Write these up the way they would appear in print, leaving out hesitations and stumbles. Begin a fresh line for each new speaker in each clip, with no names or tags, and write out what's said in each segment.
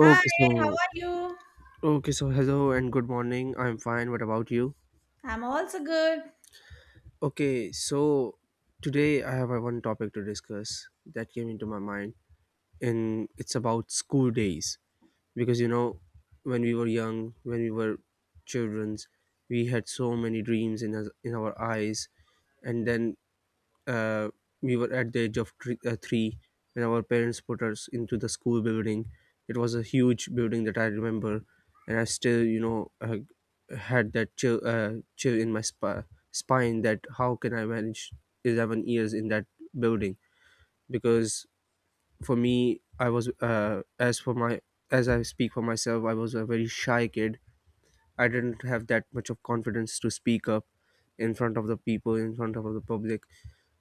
Hi, how
so
are you?
okay, so hello and good morning. I'm fine. What about you?
I'm also good.
Okay, so today I have one topic to discuss that came into my mind, and it's about school days. Because you know, when we were young, when we were childrens, we had so many dreams in us, in our eyes, and then uh, we were at the age of three, three, when our parents put us into the school building. It was a huge building that I remember, and I still, had that chill, chill in my spine that how can I manage 11 years in that building? Because for me, I was, as for my, as I speak for myself, I was a very shy kid. I didn't have that much of confidence to speak up in front of the people, in front of the public,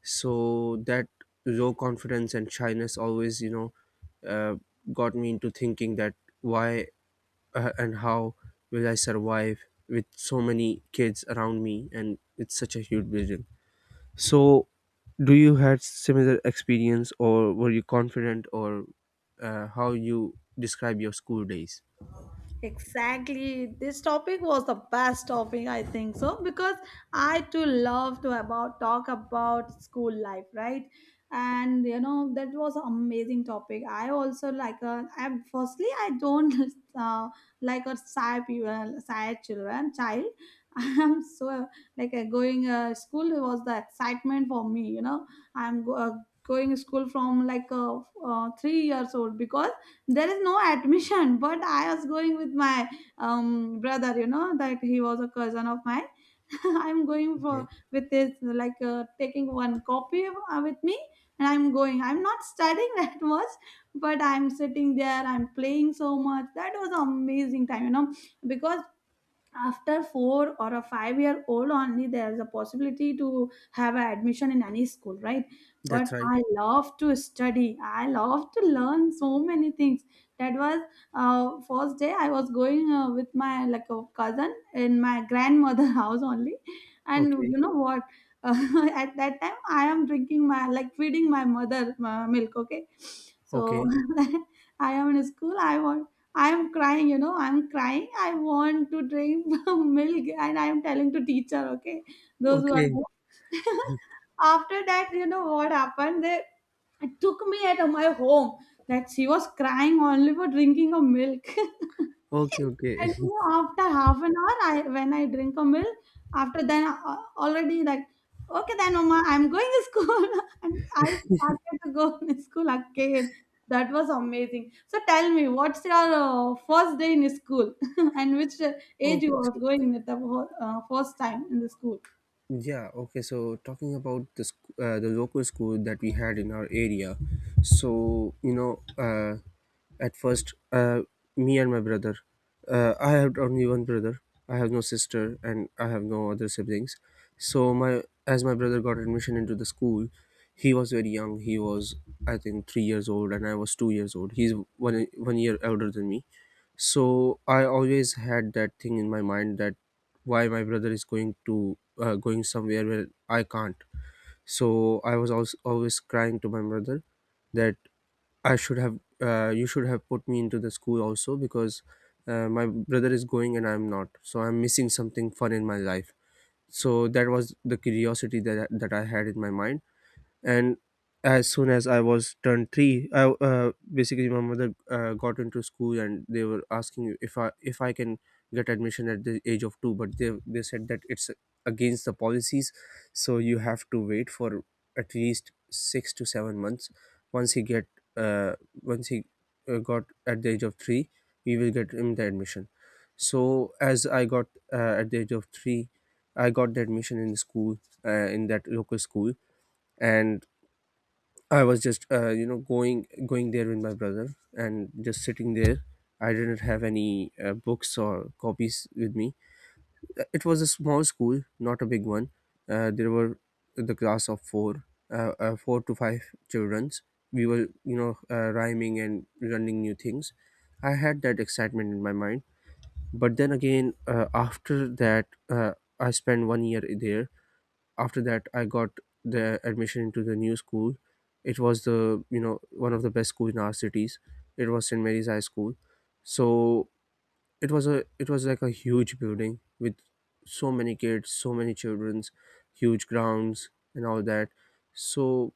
so that low confidence and shyness always, uh, got me into thinking that why and how will I survive with so many kids around me, and it's such a huge vision. So do you had similar experience, or were you confident, or how you describe your school days?
Exactly. This topic was the best topic, I think so, because I too love to about talk about school life, right? And you know that was an amazing topic. I also like a. I firstly I don't uh, like a shy people, shy child. I'm so like going school was the excitement for me. You know I'm go, uh, going to school from like 3 years old because there is no admission, but I was going with my brother, you know, that he was a cousin of mine. I'm going for
Okay,
with this, taking one copy with me, and I'm going, I'm not studying that much, but I'm sitting there, I'm playing so much. That was an amazing time, you know, because after four or a 5 year old only, there's a possibility to have an admission in any school, right? But
that's right.
I love to study, I love to learn so many things. That was, first day I was going with my like a cousin in my grandmother house only. And
Okay.
you know what, uh, at that time I am drinking my like feeding my mother milk. Okay, so
Okay.
I am in school, I'm crying, you know, I'm crying. I want to drink milk, and I'm telling to teacher, okay, those who are
Okay.
there. After that, you know what happened? They took me at my home, that she was crying only for drinking a milk.
Okay.
And you
Okay.
know, after half an hour, I when I drink a milk, after then already like, okay, then Oma, I'm going to school, and I started to go to school again. That was amazing. So tell me, what's your first day in school, and which age you
okay
was
so
going at the first time in the school?
Yeah, okay, so talking about the local school that we had in our area. So, you know, at first, me and my brother, I have only one brother, I have no sister, and I have no other siblings. So, my as my brother got admission into the school, he was very young. He was, I think, 3 years old, and I was 2 years old. He's one year older than me, so I always had that thing in my mind, that why my brother is going to going somewhere where I can't. So I was also always crying to my brother that I should have you should have put me into the school also, because my brother is going and I'm not, so I'm missing something fun in my life. So that was the curiosity that I had in my mind. And as soon as I was turned 3, I basically my mother got into school and they were asking if I can get admission at the age of 2, but they said that it's against the policies. So you have to wait for at least 6 to 7 months. Once he get uh, once he uh, got at the age of 3, we will get him the admission. So as I got at the age of 3, I got the admission in the school, in that local school. And I was just, you know, going there with my brother and just sitting there. I didn't have any books or copies with me. It was a small school, not a big one. There were the class of four, four to five children. We were, you know, rhyming and learning new things. I had that excitement in my mind. But then again, after that, I spent one year there. After that I got the admission into the new school. It was the, you know, one of the best schools in our cities. It was St. Mary's High School. So it was, a it was like a huge building with so many kids, so many children's, huge grounds, and all that. So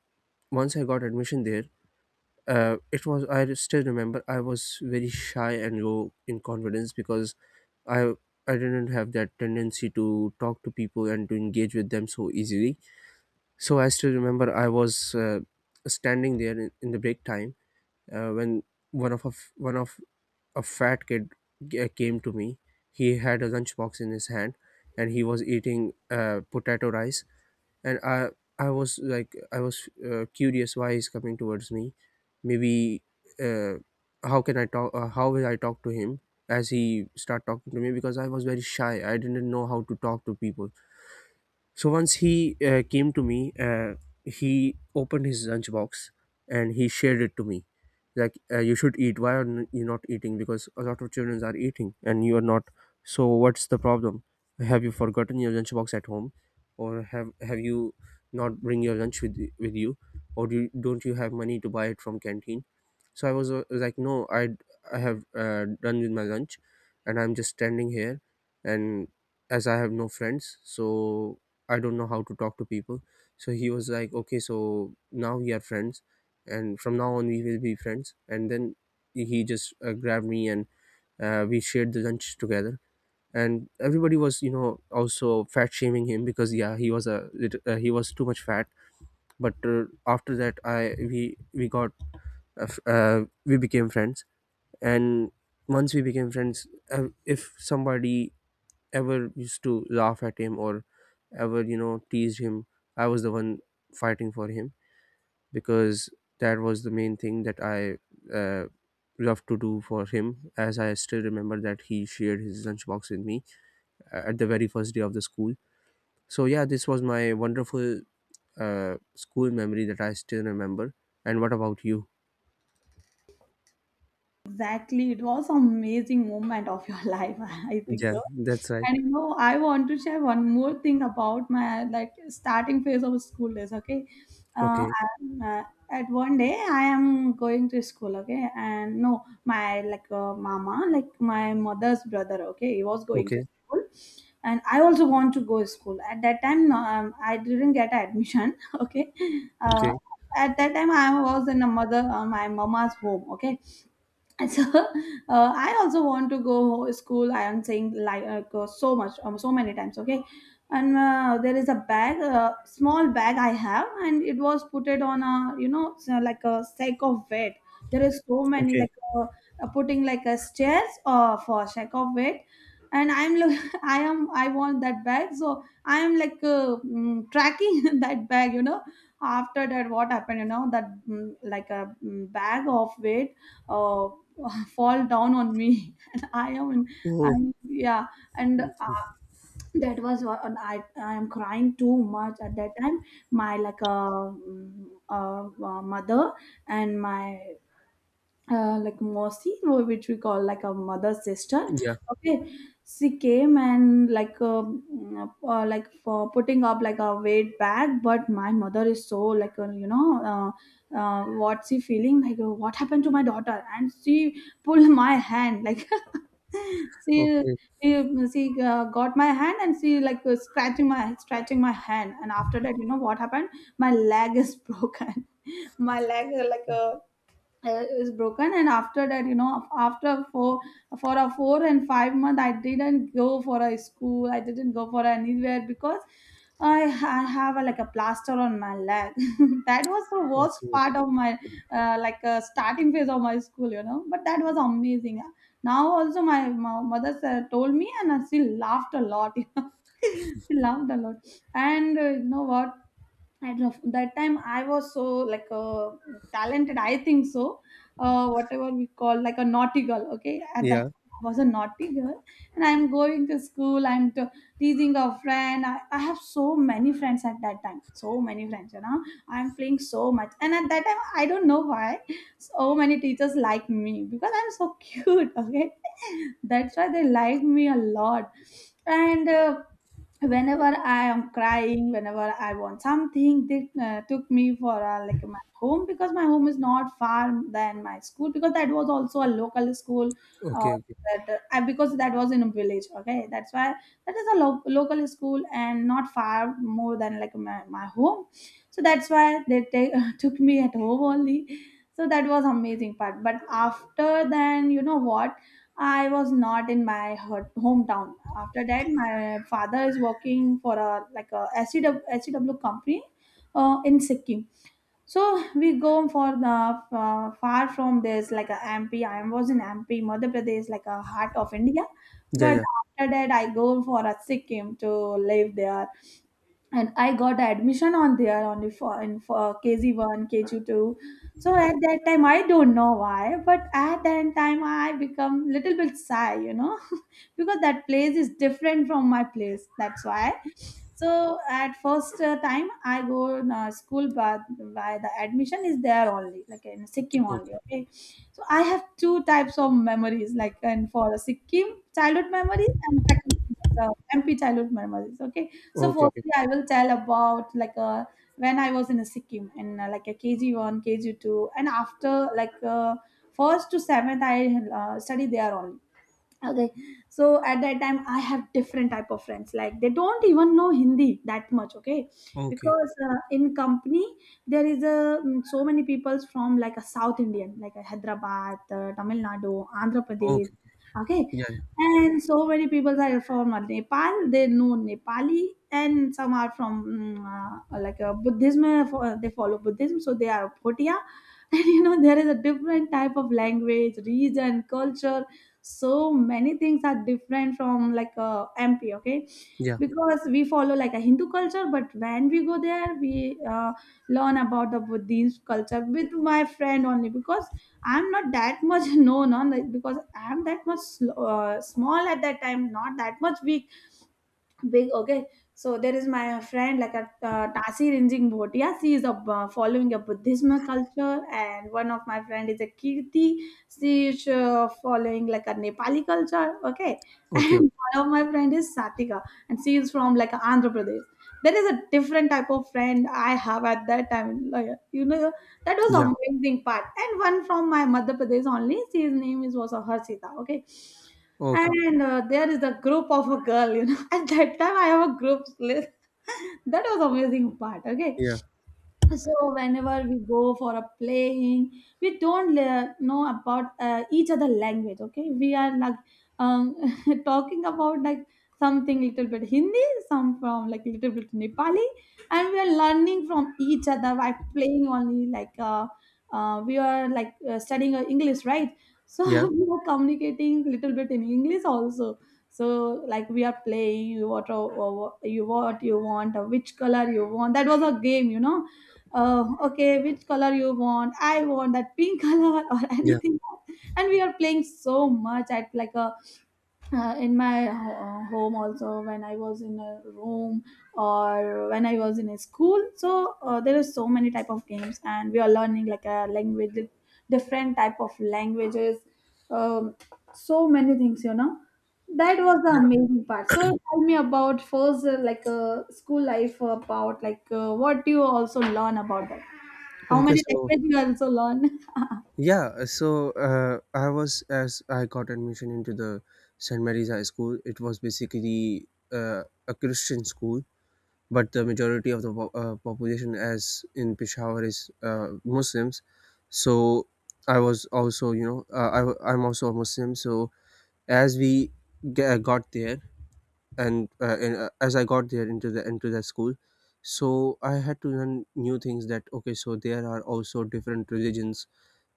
once I got admission there, it was, I still remember, I was very shy and low in confidence, because i I didn't have that tendency to talk to people and to engage with them so easily. So I still remember I was standing there in the break time, when one of a fat kid came to me. He had a lunchbox in his hand, and he was eating potato rice. And I was like, I was curious why he's coming towards me. Maybe uh, how can I talk? How will I talk to him as he start talking to me? Because I was very shy. I didn't know how to talk to people. So once he came to me, he opened his lunch box and he shared it to me. Like, you should eat. Why are you not eating? Because a lot of children are eating and you are not. So what's the problem? Have you forgotten your lunch box at home, or have you not bring your lunch with you, or don't you have money to buy it from canteen? So I was, like, no, I have done with my lunch, and I'm just standing here, and as I have no friends, so I don't know how to talk to people. So he was like, okay, so now we are friends, and from now on we will be friends. And then he just grabbed me and we shared the lunch together. And everybody was, you know, also fat shaming him, because yeah, he was too much fat. But after that, I we got f- we became friends. And once we became friends, if somebody ever used to laugh at him or ever, you know, teased him, I was the one fighting for him, because that was the main thing that I uh, loved to do for him, as I still remember that he shared his lunchbox with me at the very first day of the school. So yeah, this was my wonderful school memory that I still remember. And what about you?
Exactly. It was amazing moment of your life, I think
Yeah,
so.
that's right.
And you know, I want to share one more thing about my like starting phase of school days. Okay, uh,
Okay.
I'm, uh, at one day I am going to school. Okay, and no, my mama, like my mother's brother. Okay, he was going to
Okay.
school, and I also want to go to school. At that time, no, I didn't get admission. Okay, uh,
Okay.
at that time I was in a mother my mama's home. Okay, and so I also want to go school. I am saying go so much, so many times. Okay, and there is a bag, a small bag I have, and it was put it on a, you know, so like a sack of weight. There is so many like
Okay.
uh, uh, putting like a stairs for sack of weight, and I'm look, I want that bag, so I am like mm, tracking that bag. You know, after that what happened? You know that mm, like a mm, bag of weight uh, fall down on me, and I am in,
Oh.
i'm, yeah. And that was what, and i am crying too much at that time. My mother and my like Mosi, which we call like a mother sister.
Yeah.
Okay, she came and like for putting up like a weight bag, but my mother is so like you know, what she feeling like, what happened to my daughter, and she pulled my hand like. She,
Okay.
she got my hand, and she like was scratching my hand. And after that, you know what happened, my leg is broken. My leg like a is broken, and after that, you know, after four for a 4 and 5 month I didn't go for a school, I didn't go for anywhere, because I have a, like a plaster on my leg. That was the worst
Okay.
part of my starting phase of my school, you know, but that was amazing. Now also, my mother said, told me, and she laughed a lot. She laughed a lot. And you know what, I don't know. That time I was so like talented, I think so. Whatever we call like a naughty girl. Okay, at that
Yeah.
time I was a naughty girl, and I'm going to school. Teasing a friend. I have so many friends at that time. So many friends. You know, I'm playing so much, and at that time I don't know why so many teachers like me, because I'm so cute. Okay, that's why they like me a lot, and whenever I am crying, whenever I want something, they took me for like my home, because my home is not far than my school, because that was also a local school, uh,
Okay. Okay.
because that was in a village, okay, that's why that is a local school, and not far more than like my home. So that's why they take took me at home only. So that was amazing part, but after then, you know what, I was not in my hometown. After that, my father is working for a like a SCW company in Sikkim. So we go for the far from this like a MP. I was in MP, Madhya Pradesh, like a heart of India.
Yeah,
But
yeah.
after that, I go for a Sikkim to live there, and I got admission on there only for in for KG1, KG2. So at that time, I don't know why, but at that time, I become little bit shy, you know, because that place is different from my place, that's why. So at first, time I go in, school, but by the admission is there only like in sikkim only.
Okay.
Okay, so I have two types of memories, like and for a sikkim childhood memories, and second, uh, mp childhood memories, okay. So
Okay, okay.
firstly I will tell about when I was in a sikkim in like a kg1 kg2, and after like uh, first to seventh i study there only, okay. So at that time I have different type of friends, like they don't even know hindi that much, okay,
Okay.
because in company there is a mm, so many people from like a south indian, like a hyderabad, tamil nadu, andhra pradesh,
Okay, okay.
okay.
Yeah, yeah.
And so many people are from nepal, they know nepali, and some are from like a buddhism, they follow buddhism, so they are bhotia. And you know, there is a different type of language, region, culture, so many things are different from like mp, okay.
Yeah.
Because we follow like a hindu culture, but when we go there we learn about the buddhist culture with my friend only, because I'm not that much known on like, because I'm that much small at that time, not that much weak, big, okay. So there is my friend like a tasi rinjing bhotia, she is a, following a buddhism culture, and one of my friend is a kirti, she is following like a nepali culture, okay,
Okay, okay.
and one of my friend is satika, and she is from like andhra pradesh. There is a different type of friend I have at that time, like, you know, that was
Yeah.
amazing part. And one from my madhya pradesh only, She's name is was a harshita, okay.
Okay. Okay.
And there is a group of a girl, you know, at that time I have a group list. That was amazing part, okay.
Yeah.
So whenever we go for a playing, we don't know about each other language, okay. We are like um, talking about like something little bit hindi, some from like little bit nepali, and we are learning from each other by playing only, like we are like studying english, right? So
Yeah.
we are communicating little bit in english also. So like we are playing, you what you want, which color you want, that was a game, you know. Okay, which color you want? I want that pink color or
Yeah.
anything else. And we are playing so much at like a in my home also when I was in a room or when I was in a school. So there are so many type of games and we are learning like a language, different type of languages, um, so many things you know. That was the
Yeah.
amazing part. So tell me about first school life about what do you also learn about that, how
Okay,
many
so
languages you also learn.
yeah, so I was as I got admission into the St. Mary's High School, it was basically a Christian school, but the majority of the population, as in Peshawar, is Muslims. So I was also, you know, I'm also a Muslim. So as we got there, and as I got there into the school, so I had to learn new things. That okay, so there are also different religions,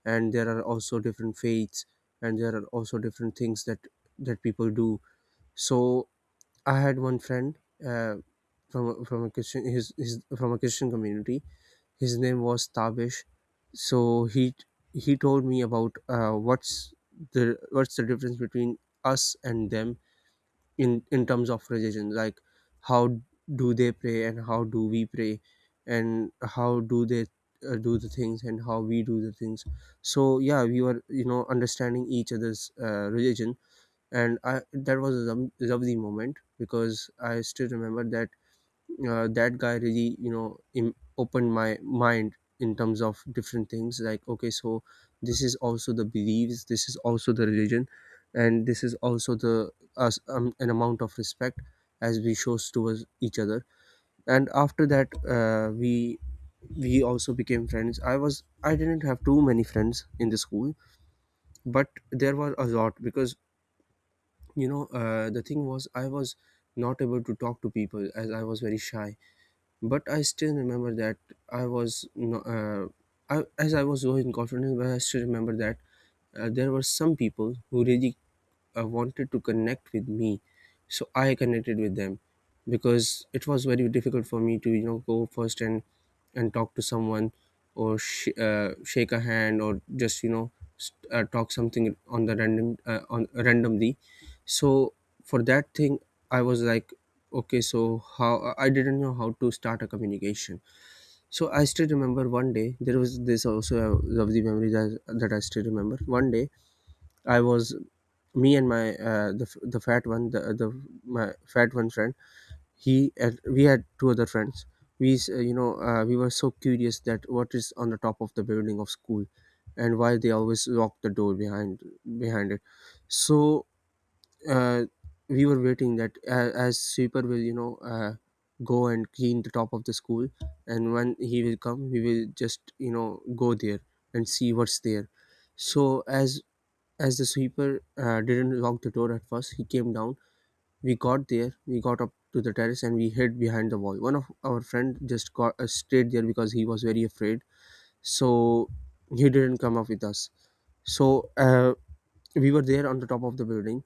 and there are also different faiths, and there are also different things that people do. So I had one friend uh, from a Christian, his from a Christian community. His name was Tabish. So he told me about what's the difference between us and them in terms of religion, like how do they pray and how do we pray, and how do they do the things and how we do the things. So yeah, we were, you know, understanding each other's religion. And that was a lovely moment, because I still remember that, that guy really, you know, opened my mind in terms of different things, like, okay, so this is also the beliefs, this is also the religion, and this is also the us, an amount of respect as we shows towards each other. And after that, uh, we we also became friends. I was, I didn't have too many friends in the school, but there were a lot, because you know, the thing was, I was not able to talk to people as I was very shy. But I still remember that I was no, I, as I was so confident. But I still remember that there were some people who really wanted to connect with me, so I connected with them, because it was very difficult for me to, you know, go first and talk to someone, or shake a hand, or just, you know, talk something on the random, on randomly. So for that thing, I was like, okay, so how, I didn't know how to start a communication. So I still remember one day, there was this also a lovely memory, that I still remember. One day I was, me and my, the fat one, the my fat one friend, he and we had two other friends. You know, we were so curious that what is on the top of the building of school, and why they always lock the door behind it. So uh, we were waiting that as sweeper will, you know, go and clean the top of the school, and when he will come, we will just, you know, go there and see what's there. So as the sweeper didn't lock The door at first, he came down. We got there, we got up to the terrace, and we hid behind the wall. One of our friend just got stayed there because he was very afraid, so he didn't come up with us. So we were there on the top of the building.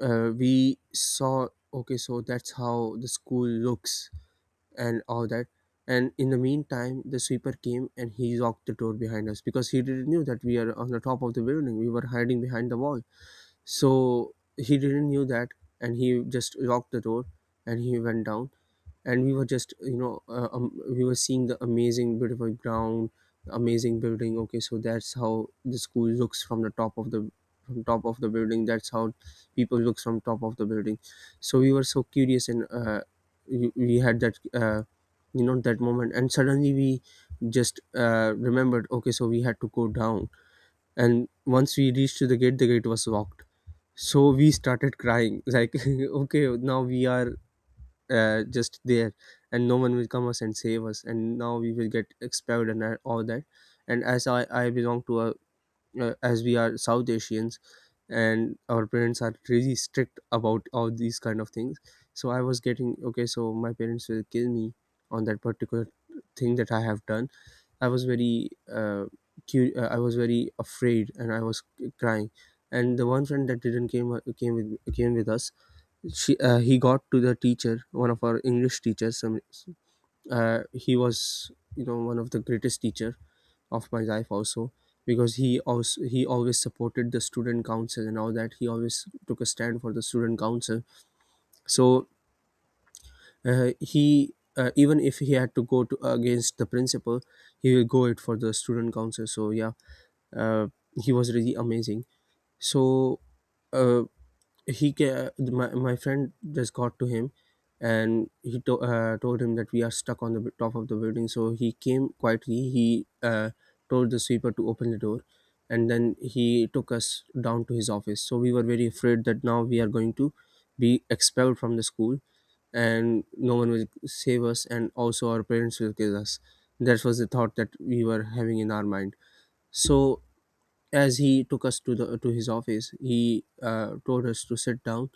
We saw, okay, so that's how the school looks and all that. And in the meantime, the sweeper came and he locked the door behind us because he didn't knew that we are on the top of the building. We were hiding behind the wall, so he didn't knew that, and he just locked the door, and he went down. And we were just, we were seeing the amazing, beautiful ground, amazing building. Okay, so that's how the school looks from the top of the from top of the building. That's how people looks from top of the building. So we were so curious, and we had that that moment. And suddenly we just remembered. Okay, so we had to go down, and once we reached to the gate, the gate was locked, so we started crying like okay, now we are just there, and no one will come us and save us, and now we will get expelled and all that. And as I belong to a, as we are South Asians, and our parents are really strict about all these kind of things, so I was getting, okay, so my parents will kill me on that particular thing that I have done. I was very I was very afraid, and I was crying. And the one friend that didn't came with us, she he got to the teacher, one of our English teachers. Some He was, you know, one of the greatest teacher of my life also, because he also, he always supported the student council and all that. He always took a stand for the student council. So he, even if he had to go to, against the principal, he will go it for the student council. So yeah, uh, he was really amazing. So uh, my friend just got to him, and he told him that we are stuck on the top of the building. So he came quietly, he told the sweeper to open the door, and then he took us down to his office. So we were very afraid that now we are going to be expelled from the school, and no one will save us, and also our parents will kill us. That was the thought that we were having in our mind. So as he took us to the to his office, he told us to sit down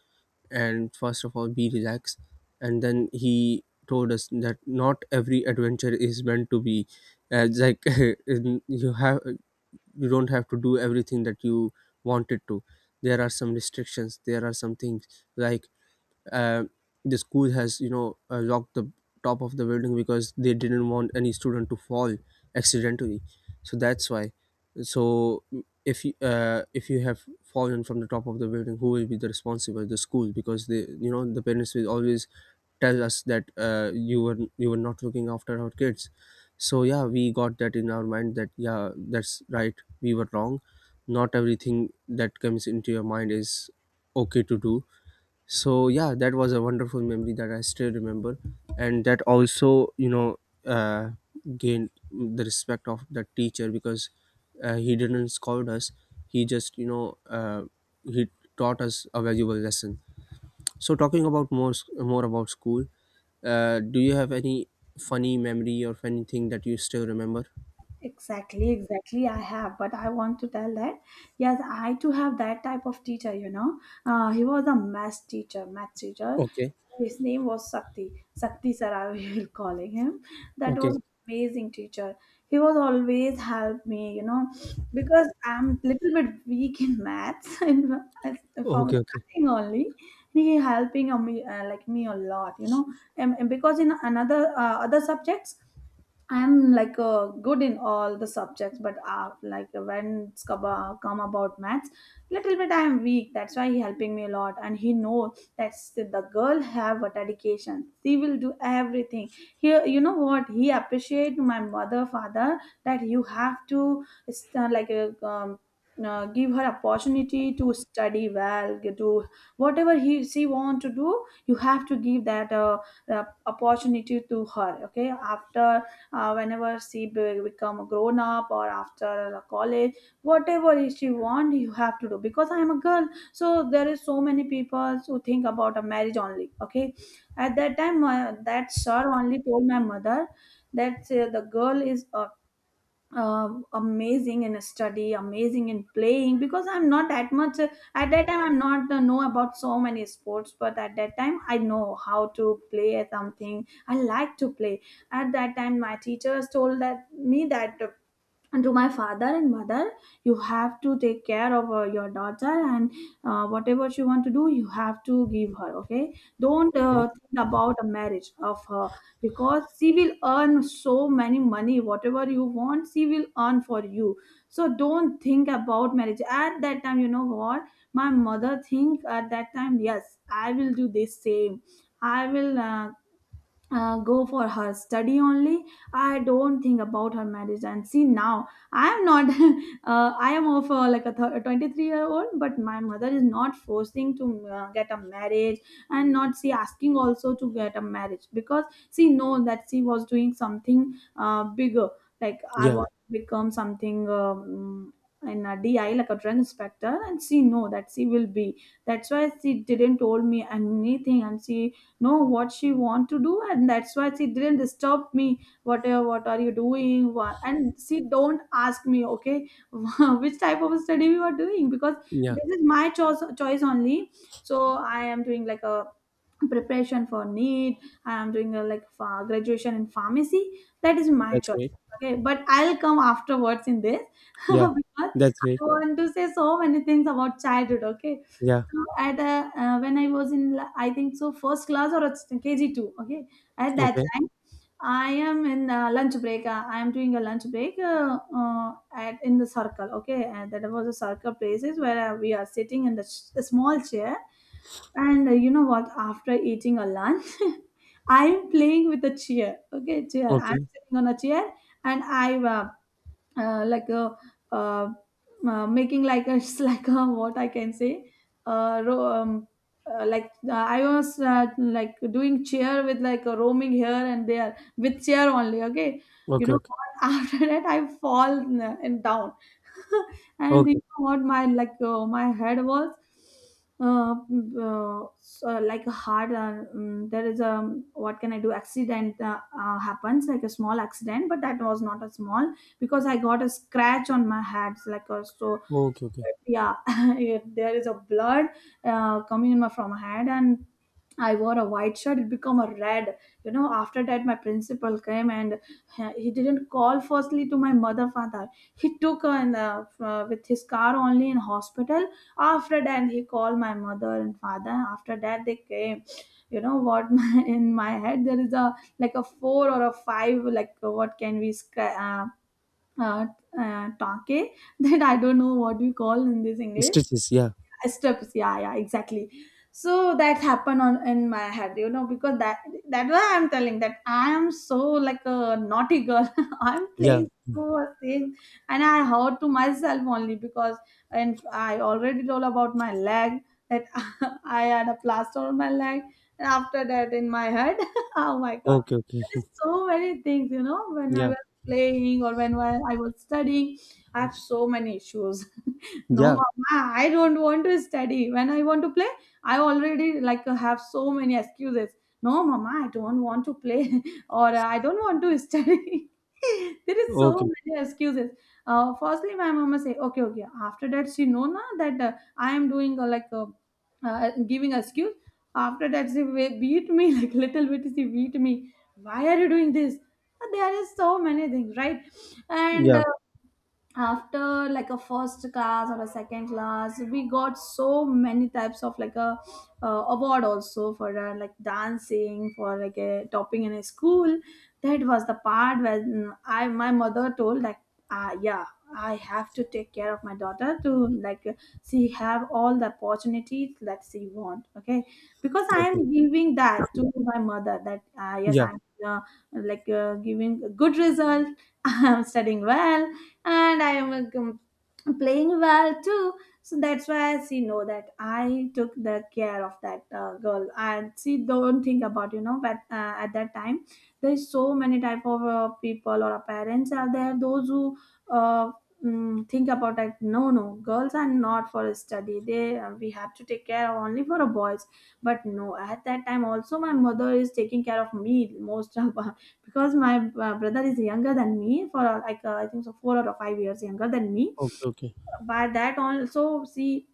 and first of all be relaxed. And then he told us that not every adventure is meant to be, like, you have, you don't have to do everything that you wanted to. There are some restrictions, there are some things, like, uh, the school has, you know, locked the top of the building because they didn't want any student to fall accidentally. So that's why. So if you, if you have fallen from the top of the building, who will be the responsible? The school, because they, you know, the parents will always tell us that, you were, you were not looking after our kids. So yeah, we got that in our mind that yeah, that's right, we were wrong. Not everything that comes into your mind is okay to do. So yeah, that was a wonderful memory that I still remember. And that also, you know, uh, gained the respect of the teacher, because he didn't scold us. He just, you know, he taught us a valuable lesson. So talking about more about school, do you have any funny memory or anything that you still remember?
Exactly, exactly. I have, but I want to tell that yes, I too have that type of teacher. You know, he was a math teacher, math teacher.
Okay.
His name was Sakti, Sakti sir, I will calling him. That
Okay.
was amazing teacher. He was always help me. You know, because I'm little bit weak in maths and from
Okay. Okay.
starting only. He helping me like me a lot. You know, and because in another other subjects I'm good in all the subjects, but like when it's come about maths, little bit I'm weak. That's why he helping me a lot, and he know that the girl have a dedication. She will do everything. Here, you know what? He appreciate my mother, father, that you have to give her opportunity to study well, get to whatever he she want to do. You have to give that opportunity to her. Okay, after whenever she become a grown up or after the college, whatever is she want you have to do, because I am a girl. So there is so many people who think about a marriage only, okay. At that time that sir only told my mother that the girl is amazing in study, amazing in playing. Because I'm not that much at that time I'm not know about so many sports, but at that time I know how to play something I like to play. At that time my teachers told that me that, and to my father and mother, you have to take care of your daughter, and whatever she want to do you have to give her. Okay, don't
Okay.
uh, think about a marriage of her, because she will earn so many money, whatever you want she will earn for you. So don't think about marriage at that time. You know what my mother think at that time? Yes, I will do this same. I will go for her study only. I don't think about her marriage. And see now, I am not I am of 23-year old, but my mother is not forcing to get a marriage, and not see asking also to get a marriage, because she know that she was doing something bigger. Like I
Yeah,
want to become something, in a di like a drug inspector, and she know that she will be. That's why she didn't told me anything. And she know what she want to do, and that's why she didn't disturb me what are you doing. And she don't ask me, okay, which type of study you are doing, because
yeah,
this is my choice, choice only. So I am doing like a preparation for need. I am doing a, like graduation in pharmacy. That is my
that's
choice.
great.
Okay, but I'll come afterwards in this
Yeah,
because
that's
I
great.
want to say so many things about childhood, okay.
Yeah.
So at a, when I was in I think so first class or it's KG2, okay. At that
Okay.
time I am in lunch break, I am doing a lunch break at in the circle, okay. And that was a circle places where we are sitting in the a small chair. And you know what, after eating a lunch, I'm playing with a chair. Okay, chair, I'm
Okay.
sitting on a chair, and I uh, like a uh, making like a like a what I can say, uh, ro- um, I was like doing chair with like a roaming here and there with chair only, okay. You
Okay,
know
okay.
what? After that I fall and down. And you
Okay.
know what, my my head was uh, so like a hard. There is a what can I do, accident happens, like a small accident, but that was not a small, because I got a scratch on my head, like a. So
Okay, okay.
yeah, there is a blood coming in my from my head, and I wore a white shirt, it become a red. You know, after that, my principal came, and he didn't call firstly to my mother, father. He took her in the, with his car only in hospital. After that, he called my mother and father. After that, they came. You know what? My, in my head, there is a like a four or a five. Like what can we scratch? Uh, uh, Take, that I don't know what we call in this English.
Stitches, yeah.
Steps, yeah, yeah, exactly. So that happened on in my head, you know, because that, that why I'm telling that I am so like a naughty girl. I'm
Yeah.
playing so things, and I heard to myself only. Because, and I already told about my leg that I had a plaster on my leg, and after that in my head. Oh my god,
Okay, okay.
there's so many things. You know, when I
Yeah.
was playing or when I was studying I have so many issues. No
Yeah.
mama, I don't want to study when I want to play. I already like have so many excuses. No mama, I don't want to play, or I don't want to study. There is so
Okay.
many excuses. Firstly my mama say okay okay, after that she know na that I am doing giving excuse. After that she beat me, like little bit she beat me, why are you doing this. There is so many things right, and
Yeah.
uh, after like a first class or a second class we got so many types of like a award also for like dancing, for like a topping in a school. That was the part when I my mother told like, ah yeah, I have to take care of my daughter, to like she have all the opportunities that she want, okay. Because I
Okay.
am giving that to my mother that yes
Yeah.
I'm uh, giving a good result, I'm studying well, and I am playing well too. So that's why she know that I took the care of that girl, and she don't think about, you know. But at that time, there's so many type of people or parents are there. Those who uh, think about like, no no, girls are not for study, they we have to take care only for a boys. But no, at that time also my mother is taking care of me most of. Because my brother is younger than me for I think so 4 or 5 years younger than me.
Okay, okay.
By that also, see,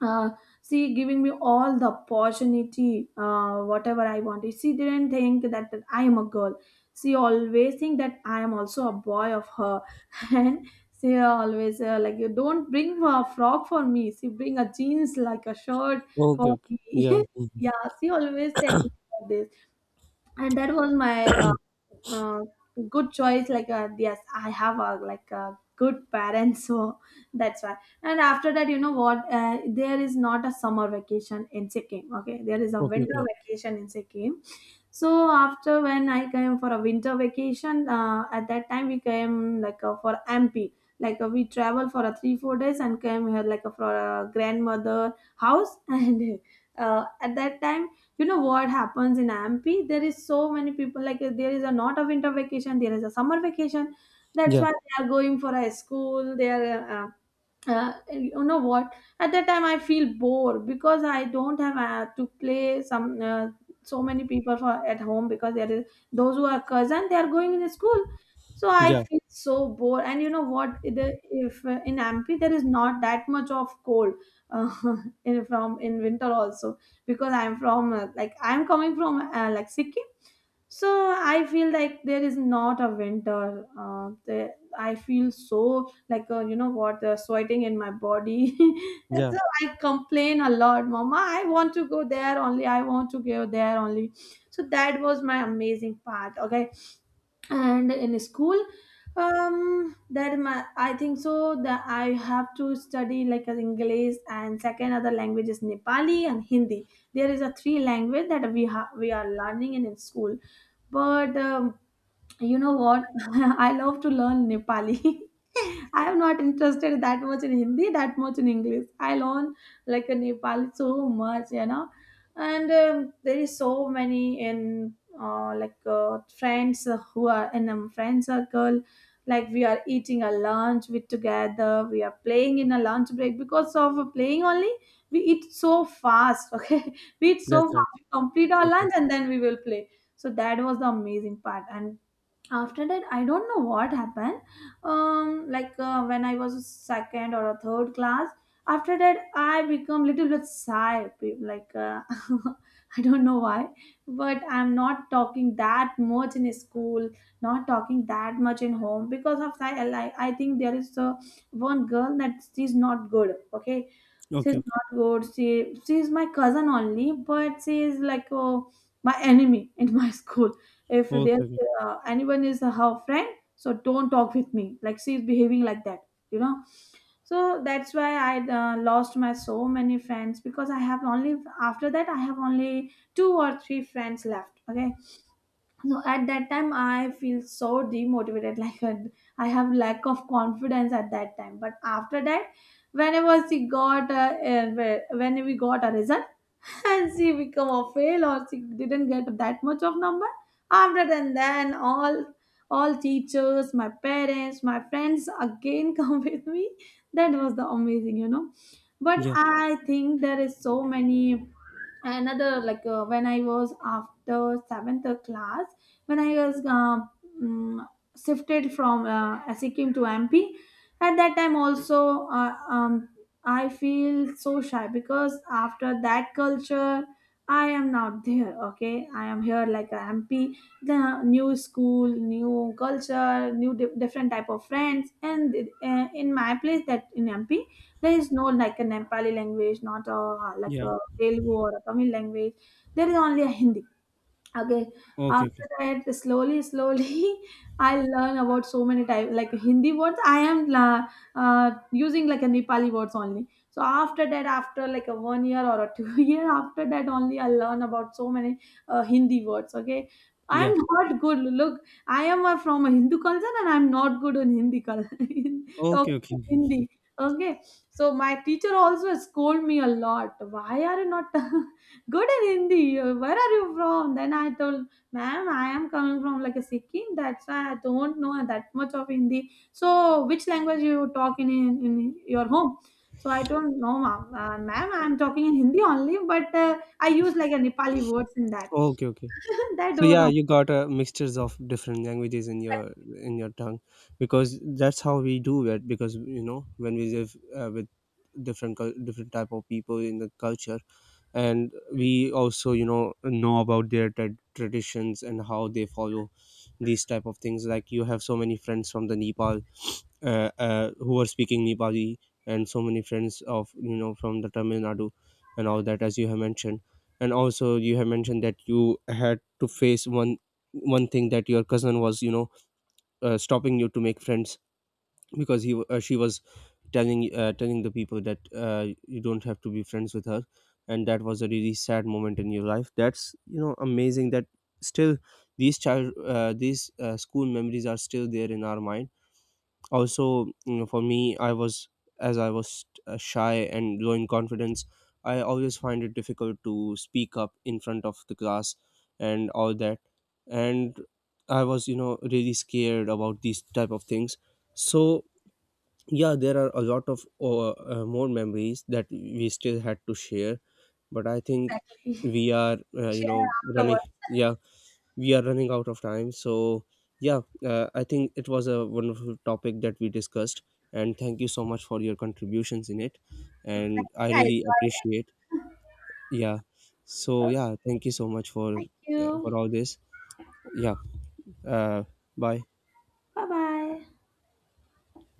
uh, she giving me all the opportunity, whatever I wanted. She didn't think that I am a girl. She always think that I am also a boy of her, and she always like you don't bring a frock for me. She bring a jeans like a shirt
Okay,
for
okay.
me.
Yeah.
Yeah, she always take this. And that was my uh, good choice, like yes I have a like a good parents. So that's why. And after that, you know what, there is not a summer vacation in Sikkim, okay, there is a
Okay,
winter
okay.
vacation in Sikkim. So after when I came for a winter vacation, at that time we came like for MP, like we traveled for a 3 4 days and came here like for a grandmother house. And at that time you know what happens in amp, there is so many people, like there is a not a winter vacation, there is a summer vacation. That's
Yeah.
why they are going for a school, they are you know what, at that time I feel bored, because I don't have to play some so many people for at home, because there is, those who are cousin they are going in school. So I
Yeah.
feel so bored. And you know what the, if in ampi there is not that much of cold uh, in from in winter also, because I'm from like I'm coming from like Sikkim. So I feel like there is not a winter the, I feel so like you know what sweating in my body. And
Yeah.
so I complain a lot, mama I want to go there only, I want to go there only So that was my amazing part. Okay, and in school, that my, I think so that I have to study like as English, and second other language is Nepali and Hindi. There is a three language that we have, we are learning in school. But you know what? I love to learn Nepali. I am not interested that much in Hindi, that much in English. I learn like a Nepali so much, you know. And there is so many in friends who are in a friend circle. Like we are eating a lunch with together. We are playing in a lunch break because of playing only. We eat so fast. Okay, we eat so
That's right.
fast. We complete our
Okay.
lunch and then we will play. So that was the amazing part. And after that I don't know what happened. When I was second or a third class, after that I become little bit shy, I don't know why, but I'm not talking that much in school, not talking that much in home. Because of that I think there is one girl that she's not good. Okay, she's
Okay, okay.
not good. She's my cousin only, but she is like, oh, my enemy in my school. If there's
Okay, okay.
anyone is her friend, so don't talk with me. Like she's behaving like that, you know. So that's why I lost my so many friends, because I have only, after that I have only two or three friends left. Okay, so at that time I feel so demotivated, like, and I have lack of confidence at that time. But after that, whenever she got when we got a result, and she become a fail or she didn't get that much of number, after then all teachers, my parents, my friends again come with me. That was the amazing, you know. But
Yeah.
I think there is so many another, like, when I was after seventh class, when I was mm, shifted from Sikkim to MP. At that time also, I feel so shy, because after that culture, I am not there. Okay, I am here like a MP. The new school, new culture, different type of friends. And in my place, that in MP, there is no like a Nepali language, not a, like
Yeah.
a Telugu or a Tamil language. There is only a Hindi. Okay.
Okay, okay.
After that, slowly, slowly, I learn about so many types like Hindi words. I am using like a Nepali words only. So after that, after like a 1 year or a 2 year, after that only I learn about so many Hindi words. Okay, I
Yeah.
am not good. Look, I am from a Hindu culture, and I am not good in Hindi culture, in
Okay,
talking
okay.
Hindi. Okay, so my teacher also scold me a lot. Why are you not good in Hindi? Where are you from? Then I told, ma'am, I am coming from like a Sikkim. That's why I don't know that much of Hindi. So which language you talk in in your home? So I don't know, ma'am. Ma'am, I'm talking in Hindi only, but I use like a Nepali words in that.
Okay, okay.
That
So
was
yeah,
all,
you got mixtures of different languages in your tongue, because that's how we do it. Because, you know, when we live, with different type of people in the culture, and we also, you know about their traditions and how they follow these type of things. Like you have so many friends from the Nepal, who were speaking Nepali, and so many friends of, you know, from the Tamil Nadu and all that, as you have mentioned. And also you have mentioned that you had to face one one thing, that your cousin was, you know, stopping you to make friends, because she was telling the people that, you don't have to be friends with her. And that was a really sad moment in your life. That's, you know, amazing that still these child these school memories are still there in our mind. Also, you know, for me, I was, as I was shy and low in confidence, I always find it difficult to speak up in front of the class and all that. And I was, you know, really scared about these type of things. So yeah, there are a lot of more memories that we still had to share, but I think
exactly.
we are, you
Share
know, running,
afterwards.
yeah, we are running out of time. So yeah, I think it was a wonderful topic that we discussed, and thank you so much for your contributions in it, and
Exactly,
I
I
really
enjoyed it.
appreciate. Yeah. So yeah, thank you so much
Thank you.
for all this. Yeah. uh, Bye.
Bye bye.